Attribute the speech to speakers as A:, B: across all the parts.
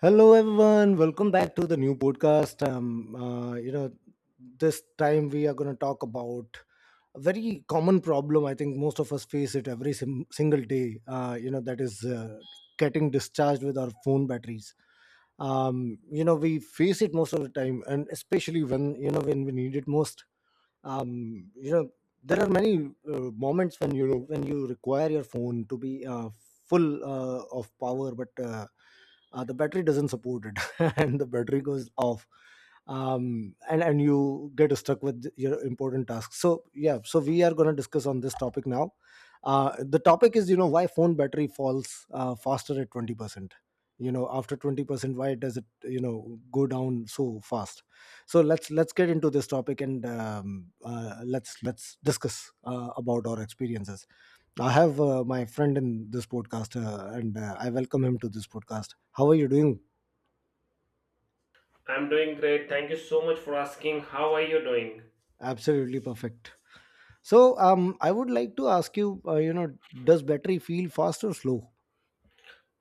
A: Hello, everyone. Welcome back to the new podcast. This time we are going to talk about a very common problem. I think most of us face it every single day. That is getting discharged with our phone batteries. We face it most of the time, and especially when you know when we need it most. Um, you know, there are many moments when you require your phone to be full of power, but the battery doesn't support it, and the battery goes off, and you get stuck with your important tasks. So yeah, so we are going to discuss on this topic now. uh, the topic is, why phone battery falls faster at 20%. You know, after 20%, why does it go down so fast? So let's get into this topic, and let's discuss about our experiences. I have my friend in this podcast, and I welcome him to this podcast. How are you doing?
B: I'm doing great. Thank you so much for asking. How are you doing?
A: Absolutely perfect. So, I would like to ask you, does battery feel fast or slow?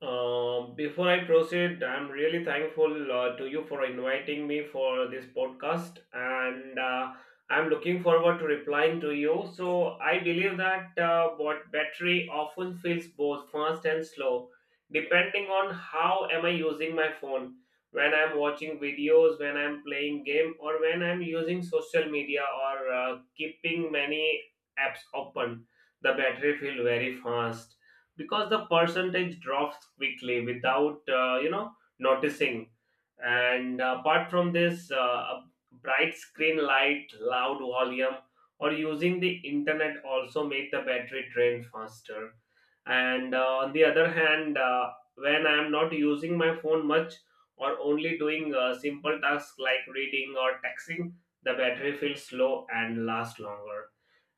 B: Before I proceed, I'm really thankful to you for inviting me for this podcast, and I'm looking forward to replying to you. So I believe that what battery often feels both fast and slow, depending on how am I using my phone. When I'm watching videos, when I'm playing game, or when I'm using social media or keeping many apps open, the battery feel very fast because the percentage drops quickly without noticing, and apart from this a bright screen light loud volume or using the internet also make the battery drain faster, and on the other hand, when I am not using my phone much, or only doing simple tasks like reading or texting, the battery feels slow and lasts longer,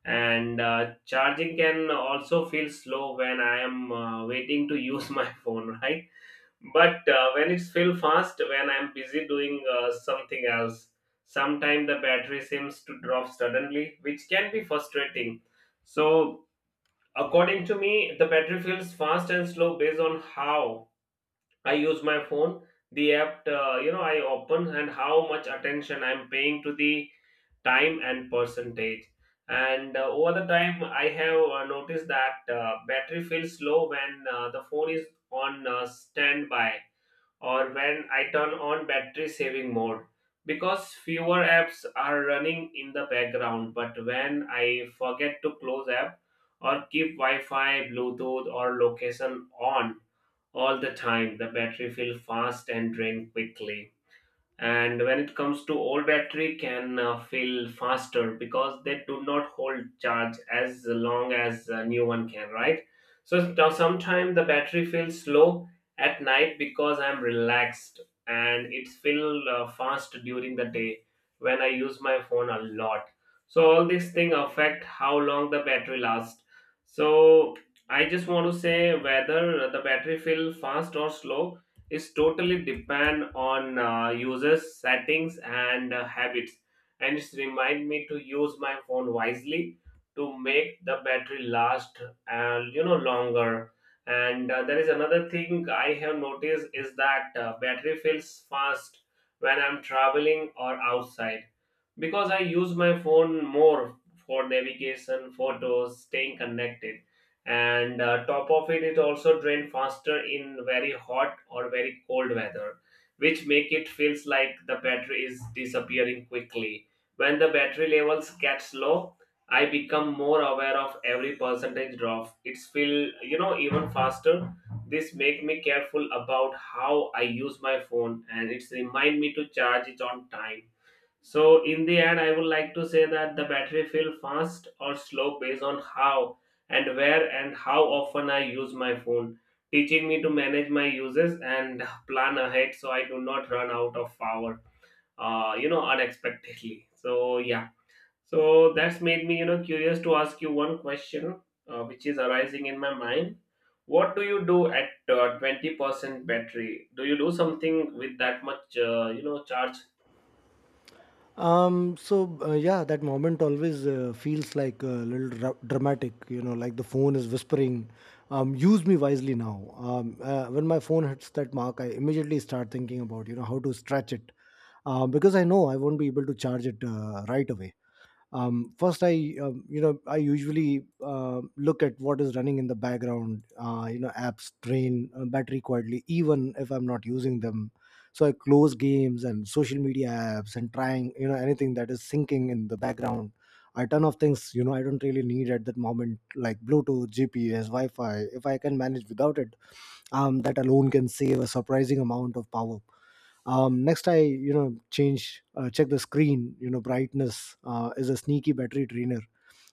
B: and charging can also feel slow when I am waiting to use my phone, right? But when it's feel fast when I'm busy doing something else, sometimes the battery seems to drop suddenly, which can be frustrating. So according to me, the battery feels fast and slow based on how I use my phone, the app I open, and how much attention I'm paying to the time and percentage. And over the time I have noticed that battery feels low when the phone is on standby or when I turn on battery saving mode because fewer apps are running in the background. But when I forget to close app or keep wi-fi bluetooth or location on all the time, the battery feels fast and drain quickly. And when it comes to old battery can fail faster because they do not hold charge as long as a new one can, right? So now sometimes the battery feels slow at night because I'm relaxed, and it feel fast during the day when I use my phone a lot. So all these things affect how long the battery lasts. So I just want to say whether the battery feel fast or slow is totally depend on users settings and habits, and it's remind me to use my phone wisely to make the battery last longer. And there is another thing I have noticed is that battery fills fast when I'm traveling or outside because I use my phone more for navigation photos staying connected, and top of it, it also drain faster in very hot or very cold weather, which make it feels like the battery is disappearing quickly. When the battery levels gets low, I become more aware of every percentage drop, it's feel even faster. This make me careful about how I use my phone, and it's remind me to charge it on time. So in the end, I would like to say that the battery feel fast or slow based on how and where and how often I use my phone, teaching me to manage my uses and plan ahead so I do not run out of power, unexpectedly. So yeah, so that's made me curious to ask you one question, which is arising in my mind. What do you do at 20% battery? Do you do something with that much, charge?
A: Yeah, that moment always feels like a little dramatic, you know, like the phone is whispering, use me wisely now. When my phone hits that mark, I immediately start thinking about, you know, how to stretch it, because I know I won't be able to charge it right away. First I you know I usually look at what is running in the background. You know, apps drain battery quietly even if I'm not using them. So I close games and social media apps, and trying, you know, anything that is syncing in the background. I turn off things, you know, I don't really need at that moment, like Bluetooth, GPS, Wi-Fi, if I can manage without it. That alone can save a surprising amount of power. Next, I you know, change, check the screen. You know, brightness is a sneaky battery trainer.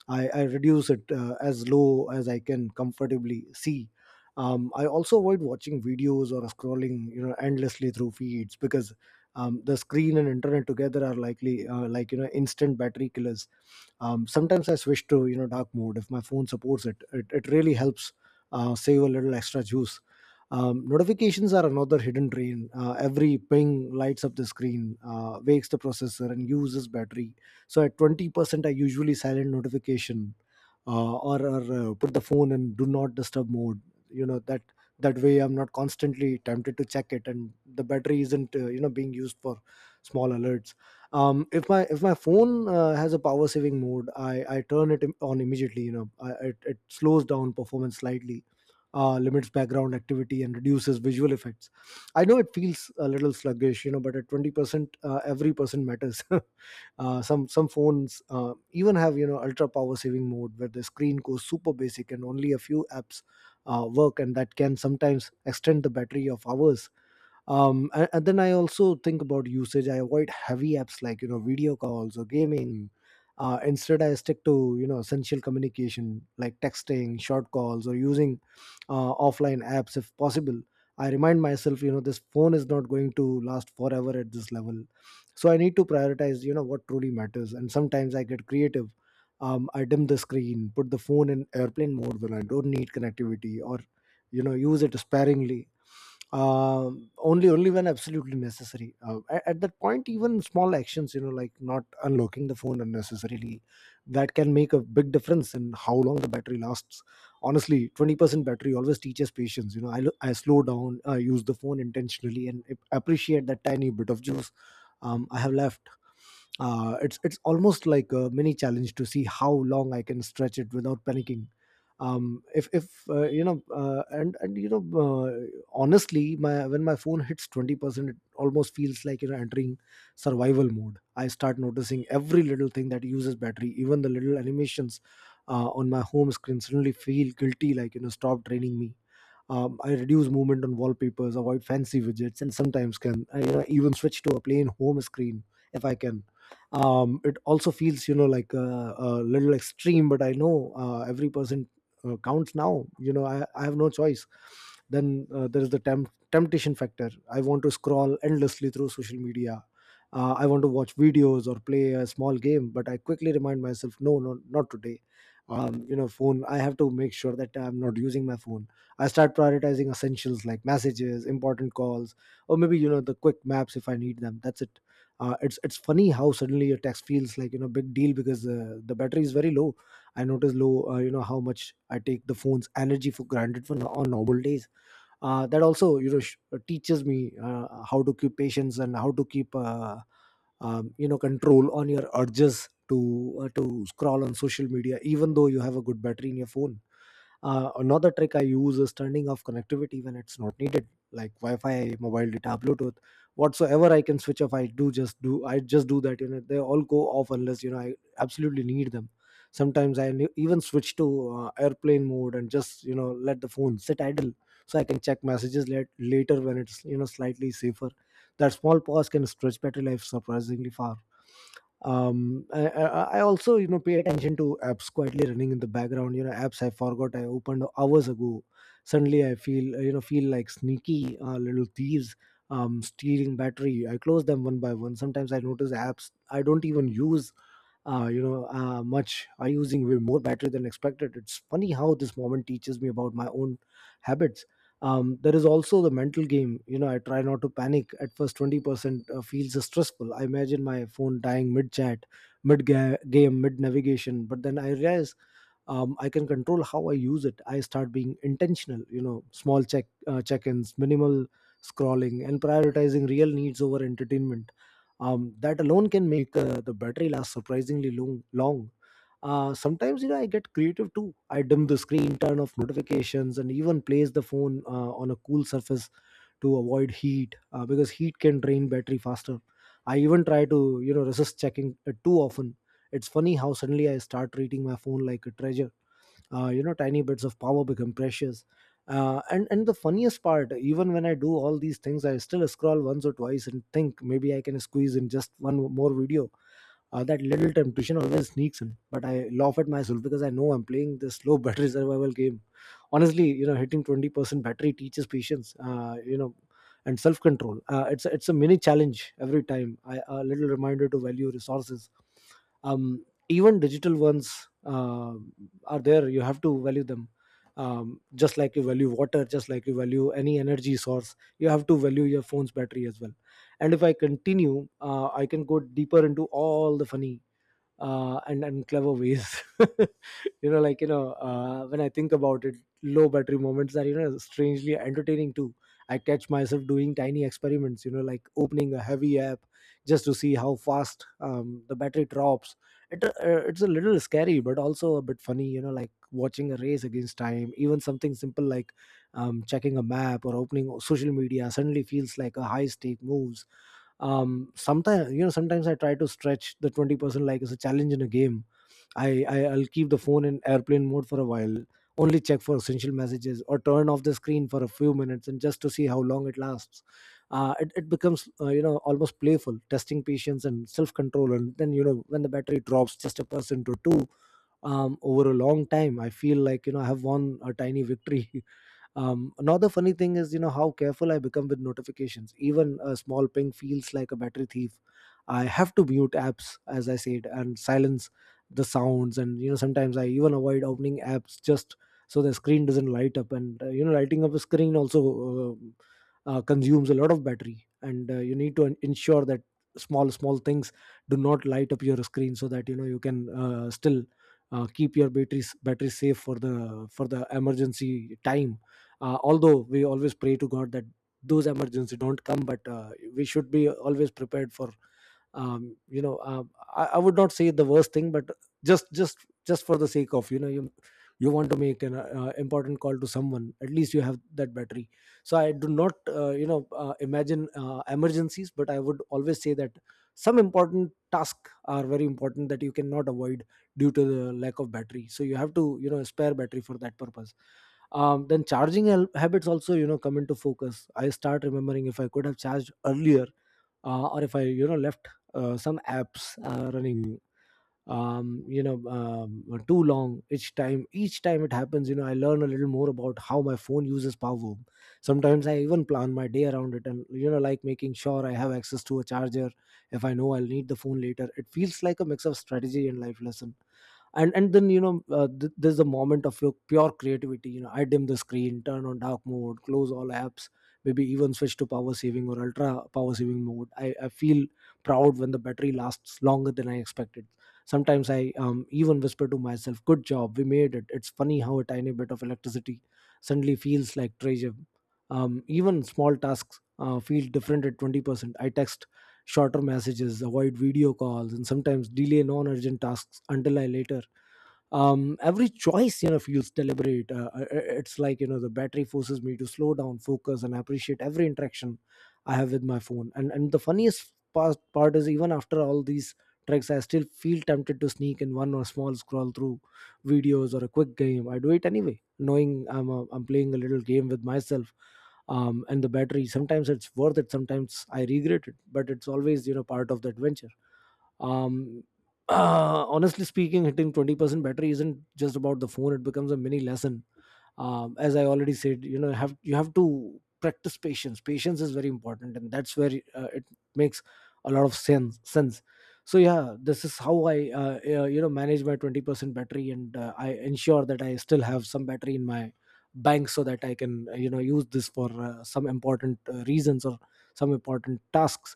A: I reduce it as low as I can comfortably see. I also avoid watching videos or scrolling, you know, endlessly through feeds, because the screen and internet together are likely like, you know, instant battery killers. Sometimes I switch to, you know, dark mode if my phone supports it. It really helps save a little extra juice. Notifications are another hidden drain. Every ping lights up the screen, wakes the processor, and uses battery. So at 20%, I usually silent notification, or put the phone in do not disturb mode. You know, that way I'm not constantly tempted to check it, and the battery isn't, being used for small alerts. If my phone has a power saving mode, I turn it on immediately. You know, it slows down performance slightly, limits background activity, and reduces visual effects. I know it feels a little sluggish, you know, but at 20%, every percent matters. Some phones even have, you know, ultra power saving mode, where the screen goes super basic and only a few apps work, and that can sometimes extend the battery of hours. And then I also think about usage. I avoid heavy apps like, you know, video calls or gaming. Instead, I stick to, you know, essential communication like texting, short calls, or using offline apps if possible. I remind myself, you know, this phone is not going to last forever at this level, so I need to prioritize, you know, what truly matters. And sometimes I get creative. I dim the screen, put the phone in airplane mode when I don't need connectivity, or, you know, use it sparingly, only when absolutely necessary. At that point, even small actions, you know, like not unlocking the phone unnecessarily, that can make a big difference in how long the battery lasts. Honestly, 20% battery always teaches patience. You know, I slow down, I use the phone intentionally and appreciate that tiny bit of juice I have left. It's almost like a mini challenge to see how long I can stretch it without panicking. If you know, and you know, Honestly, my when my phone hits 20%, it almost feels like, you know, entering survival mode. I start noticing every little thing that uses battery, even the little animations on my home screen suddenly feel guilty, like, you know, stop draining me. I reduce movement on wallpapers, avoid fancy widgets, and sometimes, can I, you know, even switch to a plain home screen if I can. It also feels, you know, like a little extreme, but I know every person counts now. You know, I have no choice. Then there is the temptation factor. I want to scroll endlessly through social media. I want to watch videos or play a small game, but I quickly remind myself, no, no, not today. You know, phone. I have to make sure that I'm not using my phone. I start prioritizing essentials like messages, important calls, or maybe, you know, the quick maps if I need them. That's it. It's funny how suddenly your text feels like, you know, big deal, because the battery is very low. I notice low, how much I take the phone's energy for granted for on normal days. That also, teaches me how to keep patience and how to keep control on your urges to scroll on social media, even though you have a good battery in your phone. Another trick I use is turning off connectivity when it's not needed, like Wi-Fi, mobile data, Bluetooth, whatsoever I can switch off. I just do that. You know, they all go off unless, you know, I absolutely need them. Sometimes I even switch to airplane mode and just, you know, let the phone sit idle, so I can check messages later when it's, you know, slightly safer. That small pause can stretch battery life surprisingly far. I also, you know, pay attention to apps quietly running in the background. You know, apps I forgot I opened hours ago suddenly I feel you know feel like sneaky little thieves stealing battery. I close them one by one. Sometimes I notice apps I don't even use, much, are using way more battery than expected. It's funny how this moment teaches me about my own habits. There is also the mental game. You know, I try not to panic at first. 20% feels stressful. I imagine my phone dying mid chat, mid game, mid navigation. But then I realize, I can control how I use it. I start being intentional. You know, small check-ins, minimal scrolling, and prioritizing real needs over entertainment. That alone can make the battery last surprisingly long. Sometimes, you know, I get creative too. I dim the screen, turn off notifications, and even place the phone on a cool surface to avoid heat, because heat can drain battery faster. I even try to, you know, resist checking it too often. It's funny how suddenly I start treating my phone like a treasure. You know, tiny bits of power become precious. And the funniest part, even when I do all these things, I still scroll once or twice and think, maybe I can squeeze in just one more video. That little temptation always sneaks in, but I laugh at myself because I know I'm playing this low battery survival game. Honestly, you know, hitting 20% battery teaches patience, and self control. It's a mini challenge every time a little reminder to value resources, even digital ones. Are there, you have to value them. Just like you value water, just like you value any energy source, you have to value your phone's battery as well. And if I continue, I can go deeper into all the funny and clever ways. When I think about it, low battery moments are, you know, strangely entertaining too. I catch myself doing tiny experiments, you know, like opening a heavy app just to see how fast The battery drops. it, uh, it's a little scary but also a bit funny, you know, like watching a race against time. Even something simple like checking a map or opening social media suddenly feels like a high stake moves. Sometimes, you know, sometimes I try to stretch the 20% like it's a challenge in a game. I'll keep the phone in airplane mode for a while, only check for essential messages or turn off the screen for a few minutes and just to see how long it lasts. It becomes, you know, almost playful, testing patience and self-control. And then, you know, when the battery drops just a percent or two over a long time, I feel like, you know, I have won a tiny victory. Another funny thing is, you know, how careful I become with notifications. Even a small ping feels like a battery thief. I have to mute apps, as I said, and silence the sounds. And, you know, sometimes I even avoid opening apps just so the screen doesn't light up. And, you know, lighting up a screen also consumes a lot of battery. And you need to ensure that small, small things do not light up your screen so that, you know, you can still keep your batteries battery safe for the emergency time. Although we always pray to god that those emergency don't come, but we should be always prepared for you know, I would not say the worst thing, but just just just for the sake of, you know, you want to make an important call to someone, at least you have that battery. So I do not, you know, imagine emergencies, but I would always say that some important tasks are very important that you cannot avoid due to the lack of battery, so you have to, you know, spare battery for that purpose. Then charging habits also, you know, come into focus. I start remembering if I could have charged earlier, or if I, you know, left some apps running you know, too long. Each time it happens, you know, I learn a little more about how my phone uses power. Sometimes I even plan my day around it, and, you know, like making sure I have access to a charger if I know I'll need the phone later. It feels like a mix of strategy and life lesson. And then, you know, there's a moment of your pure creativity. You know, I dim the screen, turn on dark mode, close all apps, maybe even switch to power saving or ultra power saving mode. I feel proud when the battery lasts longer than I expected. Sometimes I even whisper to myself, good job, we made it. It's funny how a tiny bit of electricity suddenly feels like treasure. Even small tasks feel different at 20%. I text shorter messages, avoid video calls, and sometimes delay non-urgent tasks until I later. Every choice, you know, feels deliberate. It's like, you know, the battery forces me to slow down, focus, and appreciate every interaction I have with my phone. And the funniest part is, even after all these tricks, I still feel tempted to sneak in one or small scroll through videos or a quick game. I do it anyway, knowing I'm playing a little game with myself and the battery. Sometimes it's worth it, sometimes I regret it, but it's always, you know, part of the adventure. um Honestly speaking, hitting 20% battery isn't just about the phone. It becomes a mini lesson. As I already said, you know, have you have to practice patience. Patience is very important, and that's where it makes a lot of sense. So yeah, this is how I you know, manage my 20% battery, and I ensure that I still have some battery in my bank so that I can, you know, use this for some important reasons or some important tasks,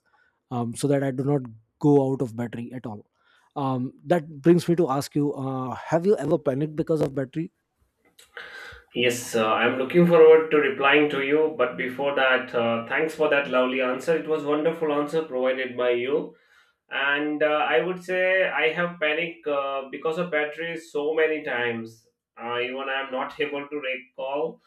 A: so that I do not go out of battery at all. That brings me to ask you, have you ever panicked because of battery?
B: Yes, I'm looking forward to replying to you. But before that, thanks for that lovely answer. It was wonderful answer provided by you, and I would say I have panic because of battery so many times, even I am not able to recall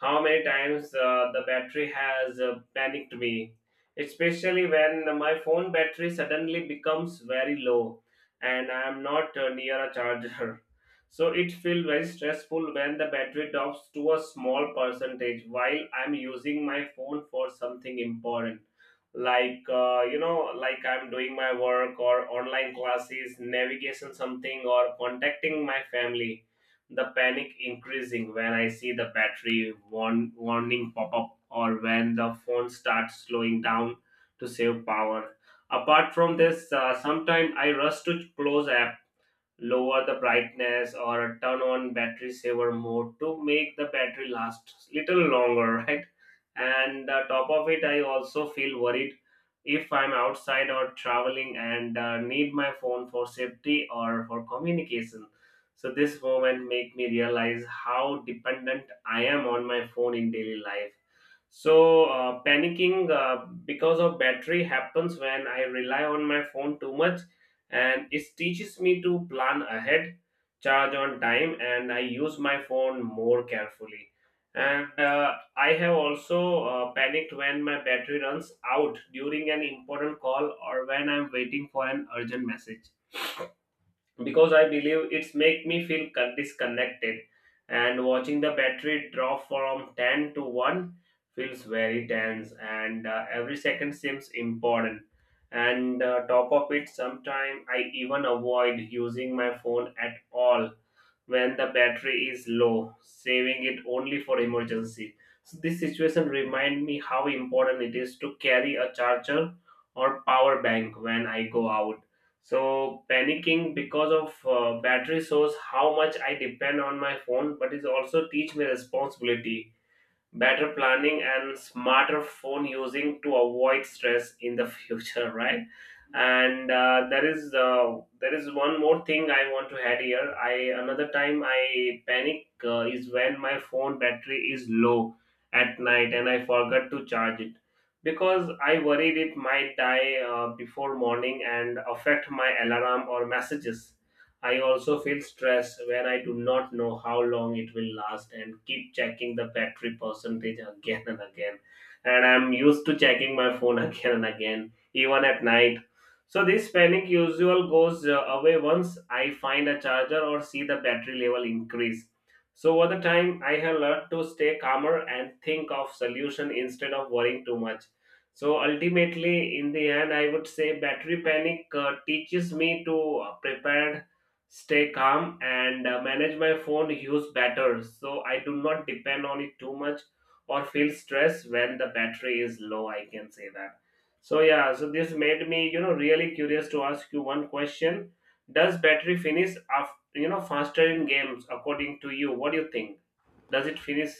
B: how many times the battery has panicked me, especially when my phone battery suddenly becomes very low and I am not near a charger. So it feels very stressful when the battery drops to a small percentage while I'm using my phone for something important, like like I'm doing my work or online classes navigation something or contacting my family. The panic increasing when I see the battery warning pop up or when the phone starts slowing down to save power. Apart from this, sometimes I rush to close app, lower the brightness, or turn on battery saver mode to make the battery last little longer. Right? And top of it, I also feel worried if I'm outside or traveling and need my phone for safety or for communication. So this moment make me realize how dependent I am on my phone in daily life. So panicking because of battery happens when I rely on my phone too much, and it teaches me to plan ahead, charge on time, and I use my phone more carefully. And I have also panicked when my battery runs out during an important call or when I'm waiting for an urgent message because I believe it's make me feel disconnected. And watching the battery drop from 10 to 1 feels very tense, and every second seems important. And top of it, sometimes I even avoid using my phone at all when the battery is low, saving it only for emergency. So this situation remind me how important it is to carry a charger or power bank when I go out. So panicking because of battery shows how much I depend on my phone, but it also teach me responsibility, better planning, and smarter phone using to avoid stress in the future, right? And uh, there is uh, there is one more thing I want to add here. I another time I panic is when my phone battery is low at night and I forgot to charge it because I worried it might die before morning and affect my alarm or messages. I also feel stress when I do not know how long it will last and keep checking the battery percentage again and again. And I'm used to checking my phone again and again, even at night. So this panic usual goes away once I find a charger or see the battery level increase. So over the time, I have learned to stay calmer and think of solution instead of worrying too much. So ultimately, in the end, I would say battery panic teaches me to prepare, stay calm, and manage my phone use better so I do not depend on it too much or feel stress when the battery is low. I can say that. So yeah, so this made me really curious to ask you one question. Does battery finish after faster in games according to you? What do you think? Does it finish?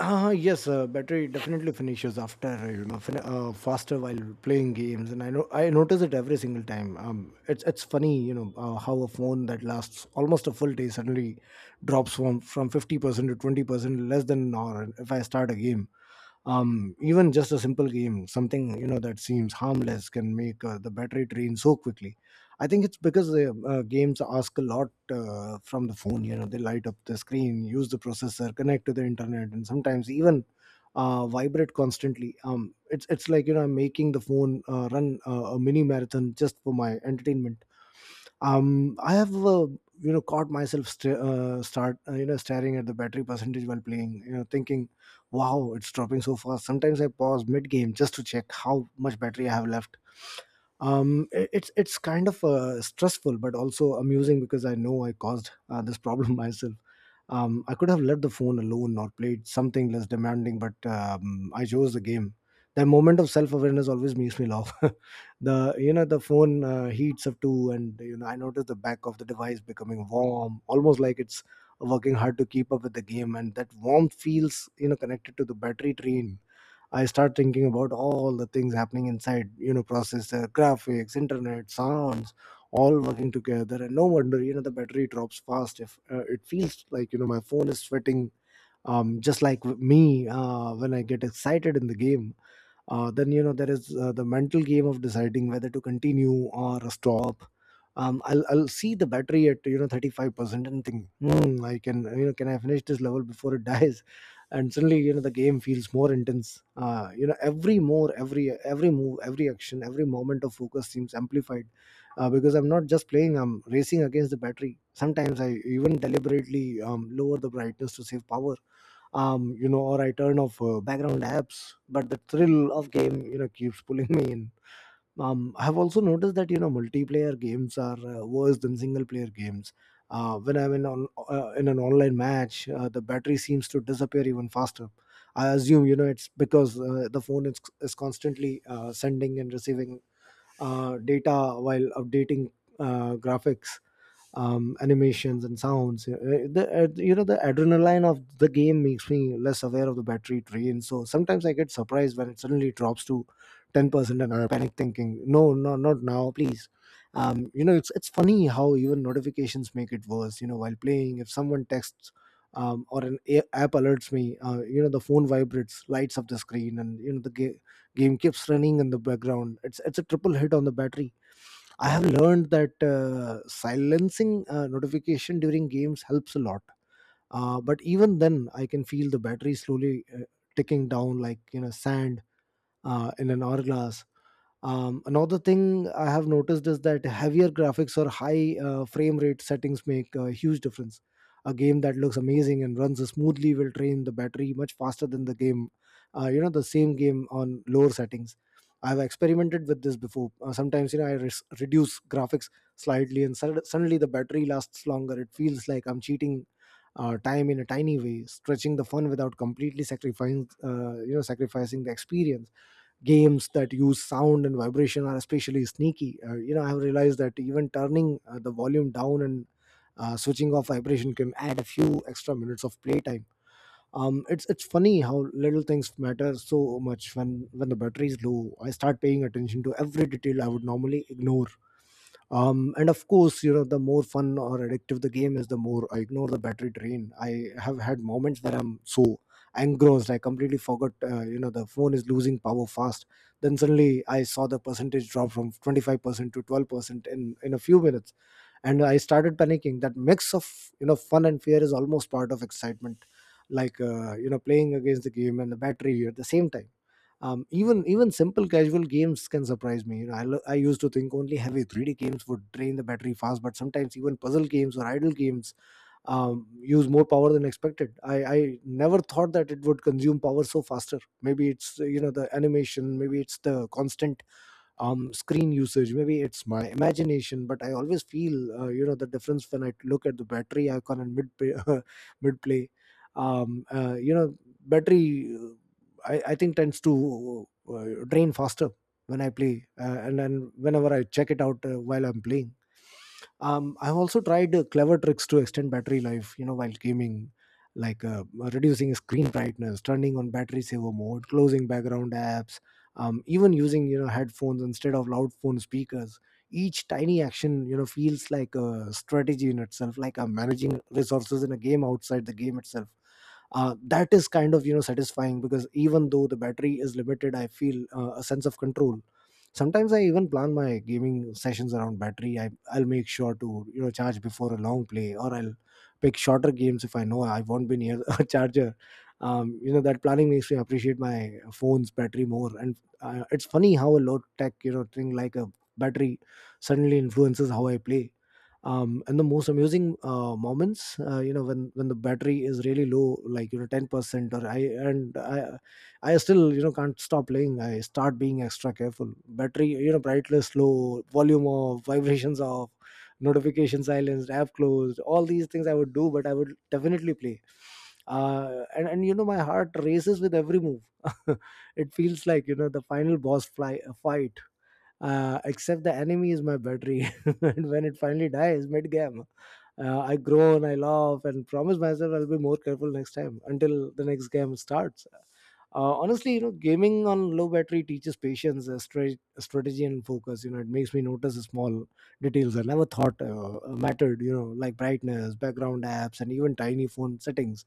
A: Yes, battery definitely finishes after, you know, faster while playing games, and I know I notice it every single time. It's funny, you know, how a phone that lasts almost a full day suddenly drops from 50% to 20% less than an hour if I start a game. um, Even just a simple game, something, you know, that seems harmless can make the battery drain so quickly. I think it's because the games ask a lot from the phone. You know, they light up the screen, use the processor, connect to the internet, and sometimes even vibrate constantly. It's like, you know, I'm making the phone run a mini marathon just for my entertainment. I have, you know, caught myself st- start you know, staring at the battery percentage while playing, you know, thinking, wow, it's dropping so fast. Sometimes I pause mid game just to check how much battery I have left. It's kind of stressful but also amusing, because I know I caused this problem myself. I could have left the phone alone or played something less demanding, but I chose the game. The moment of self-awareness always makes me laugh. the You know, the phone heats up too, and, you know, I noticed the back of the device becoming warm, almost like it's working hard to keep up with the game, and that warmth feels, you know, connected to the battery drain. I start thinking about all the things happening inside, you know, processor, graphics, internet, sounds, all working together. And no wonder, you know, the battery drops fast. If it feels like, you know, my phone is sweating, just like me, when I get excited in the game. Then, you know, there is the mental game of deciding whether to continue or stop. I'll see the battery at, you know, 35% and think, hmm, I can, you know, can I finish this level before it dies? And suddenly, you know, the game feels more intense. You know, every move, every action, every moment of focus seems amplified, because I'm not just playing, I'm racing against the battery. Sometimes I even deliberately lower the brightness to save power, you know, or I turn off background apps. But the thrill of game, you know, keeps pulling me in. I have also noticed that, you know, multiplayer games are worse than single player games. When I'm in an online match, the battery seems to disappear even faster. I assume, you know, it's because the phone is constantly sending and receiving data while updating graphics, animations and sounds. The, you know, the adrenaline of the game makes me less aware of the battery drain. So sometimes I get surprised when it suddenly drops to 10% and I panic thinking, no, no, not now, please. You know, it's funny how even notifications make it worse, you know, while playing. If someone texts or an app alerts me, you know, the phone vibrates, lights up the screen, and, you know, the game keeps running in the background. It's a triple hit on the battery. I have learned that silencing notification during games helps a lot. But even then, I can feel the battery slowly ticking down, like, you know, sand in an hourglass. Another thing I have noticed is that heavier graphics or high frame rate settings make a huge difference. A game that looks amazing and runs smoothly will drain the battery much faster than the game, you know, the same game on lower settings. I've experimented with this before. Sometimes, you know, I reduce graphics slightly and suddenly the battery lasts longer. It feels like I'm cheating time in a tiny way, stretching the fun without completely sacrificing, you know, sacrificing the experience. Games that use sound and vibration are especially sneaky. You know, I have realized that even turning the volume down and switching off vibration can add a few extra minutes of playtime. It's funny how little things matter so much when the battery is low. I start paying attention to every detail I would normally ignore. And of course, you know, the more fun or addictive the game is, the more I ignore the battery drain. I have had moments where I'm so engrossed I completely forgot you know, the phone is losing power fast. Then suddenly I saw the percentage drop from 25% to 12% in a few minutes, and I started panicking. That mix of, you know, fun and fear is almost part of excitement, like you know, playing against the game and the battery at the same time. Even simple casual games can surprise me, you know. I used to think only heavy 3D games would drain the battery fast, but sometimes even puzzle games or idle games use more power than expected. I never thought that it would consume power so faster. Maybe it's you know, the animation, maybe it's the constant screen usage, maybe it's my imagination, but I always feel you know, the difference when I look at the battery icon and mid play- mid play. um uh, you know Battery I think tends to drain faster when I play, and then whenever I check it out while I'm playing. I've also tried clever tricks to extend battery life, you know, while gaming, like reducing screen brightness, turning on battery saver mode, closing background apps, even using, you know, headphones instead of loud phone speakers. Each tiny action, you know, feels like a strategy in itself, like I'm managing resources in a game outside the game itself. That is kind of, you know, satisfying because even though the battery is limited, I feel a sense of control. Sometimes I even plan my gaming sessions around battery. I'll make sure to, you know, charge before a long play, or I'll pick shorter games if I know I won't be near a charger. You know, that planning makes me appreciate my phone's battery more, and it's funny how a low tech, you know, thing like a battery suddenly influences how I play. And the most amusing moments you know, when the battery is really low, like, you know, 10%, or and I, I still, you know, can't stop playing. I start being extra careful. Battery, you know, brightness low, volume off, vibrations off, notification silenced, app closed. All these things I would do, but I would definitely play. And you know, my heart races with every move. It feels like, you know, the final boss fly fight. Except the enemy is my battery. And when it finally dies mid game. I groan, I laugh, and promise myself I'll be more careful next time, until the next game starts. Honestly, you know, gaming on low battery teaches patience, strategy and focus. You know, it makes me notice the small details I never thought mattered, you know, like brightness, background apps, and even tiny phone settings.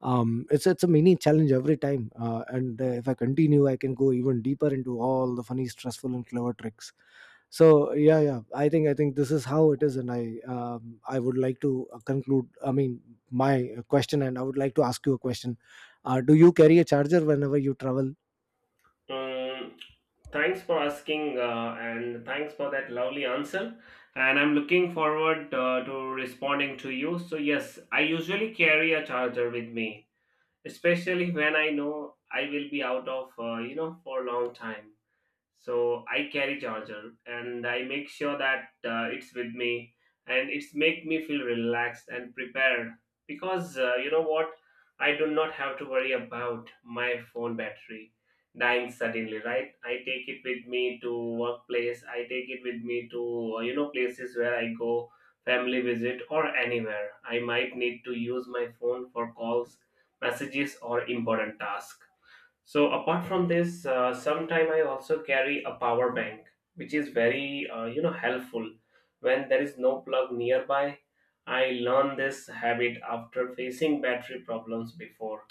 A: It's a mini challenge every time. And If I continue, I can go even deeper into all the funny, stressful, and clever tricks. So yeah, I think this is how it is. And I, I would like to conclude, I mean, my question, and I would like to ask you a question. Do you carry a charger whenever you travel?
B: Mm, thanks for asking, and thanks for that lovely answer. And I'm looking forward to responding to you. So yes, I usually carry a charger with me, especially when I know I will be out of, for a long time, so I carry charger and I make sure that it's with me, and it's make me feel relaxed and prepared, because what, I do not have to worry about my phone battery dying suddenly, right? I take it with me to workplace, I take it with me to places where I go, family visit, or anywhere I might need to use my phone for calls, messages, or important tasks. So apart from this, sometime I also carry a power bank, which is very helpful when there is no plug nearby. I learned this habit after facing battery problems before,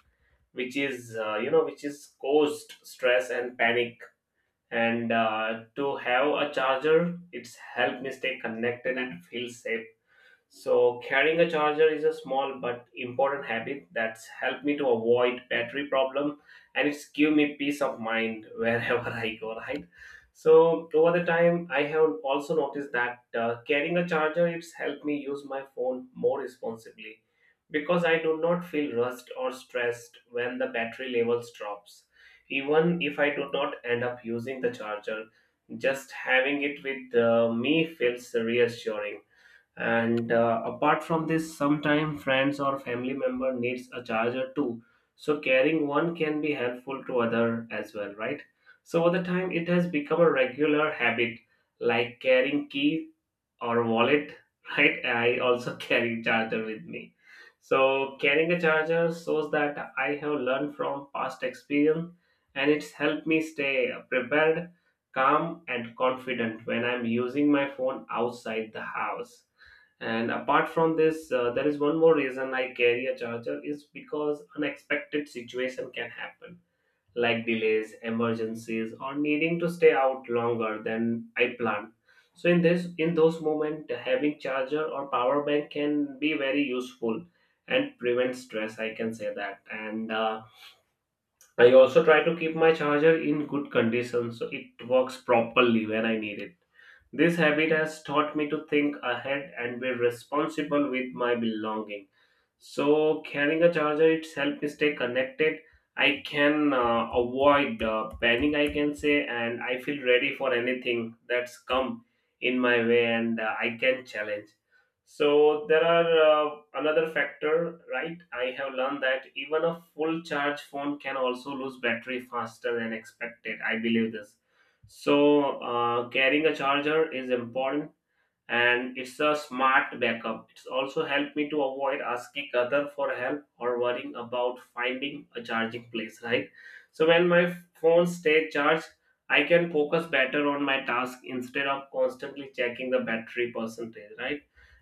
B: which is which is caused stress and panic. And to have a charger, it's helped me stay connected and feel safe. So carrying a charger is a small but important habit that's helped me to avoid battery problem, and it's give me peace of mind wherever I go, right? So over the time, I have also noticed that carrying a charger it's helped me use my phone more responsibly because I do not feel rushed or stressed when the battery levels drops. Even if I do not end up using the charger, just having it with me feels reassuring. And apart from this, sometimes friends or family member needs a charger too, so carrying one can be helpful to other as well, right? So over the time, it has become a regular habit, like carrying key or wallet. Right? I also carry charger with me. So carrying a charger shows that I have learned from past experience, and it's helped me stay prepared, calm, and confident when I'm using my phone outside the house. And apart from this, there is one more reason I carry a charger is because unexpected situation can happen, like delays, emergencies, or needing to stay out longer than I planned. So in those moments, having charger or power bank can be very useful and prevent stress. I can say that. And I also try to keep my charger in good condition so it works properly when I need it. This habit has taught me to think ahead and be responsible with my belongings. So carrying a charger it's help me stay connected. I can avoid panic, I can say, and I feel ready for anything that's come in my way, and I can challenge. So there are another factor, right? I have learned that even a full charge phone can also lose battery faster than expected. I believe this. So carrying a charger is important, and it's a smart backup. It's also helped me to avoid asking other for help or worrying about finding a charging place, right? So when my phone stays charged, I can focus better on my task instead of constantly checking the battery percentage, right?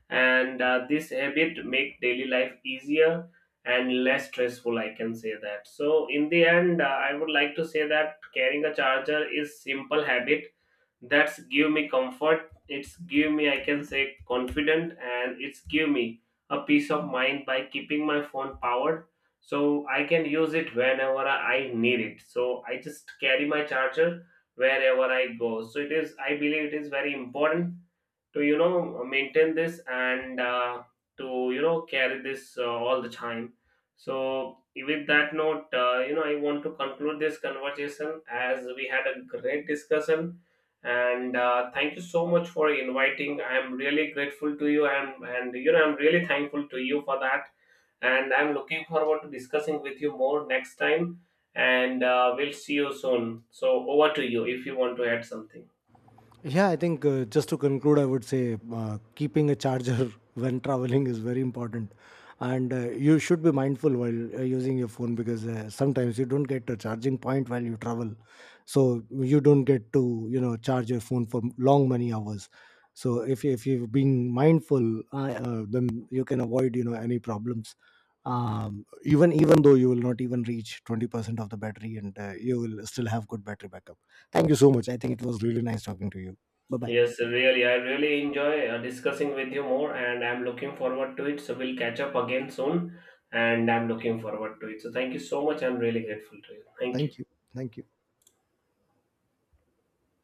B: And this habit make daily life easier and less stressful. I can say that. So in the end, I would like to say that carrying a charger is simple habit that's give me comfort, it's give me I can say confident, and it's give me a peace of mind by keeping my phone powered so I can use it whenever I need it. So I just carry my charger wherever I go. So it is, I believe it is very important to maintain this, and to carry this all the time. So with that note, I want to conclude this conversation as we had a great discussion, and thank you so much for inviting. I'm really grateful to you, and I'm really thankful to you for that, and I'm looking forward to discussing with you more next time, and we'll see you soon. So over to you if you want to add something.
A: Yeah, I think just to conclude, I would say keeping a charger when traveling is very important. And you should be mindful while using your phone, because sometimes you don't get a charging point while you travel. So you don't get to, you know, charge your phone for long many hours. So if you've been mindful, then you can avoid, you know, any problems. Even though you will not even reach 20% of the battery, and you will still have good battery backup. Thank you so much. I think it was really nice talking to you. Bye bye.
B: Yes, really. I really enjoy discussing with you more, and I'm looking forward to it. So we'll catch up again soon, and I'm looking forward to it. So thank you so much. I'm really grateful to you. Thank you.
A: Thank you. Thank you.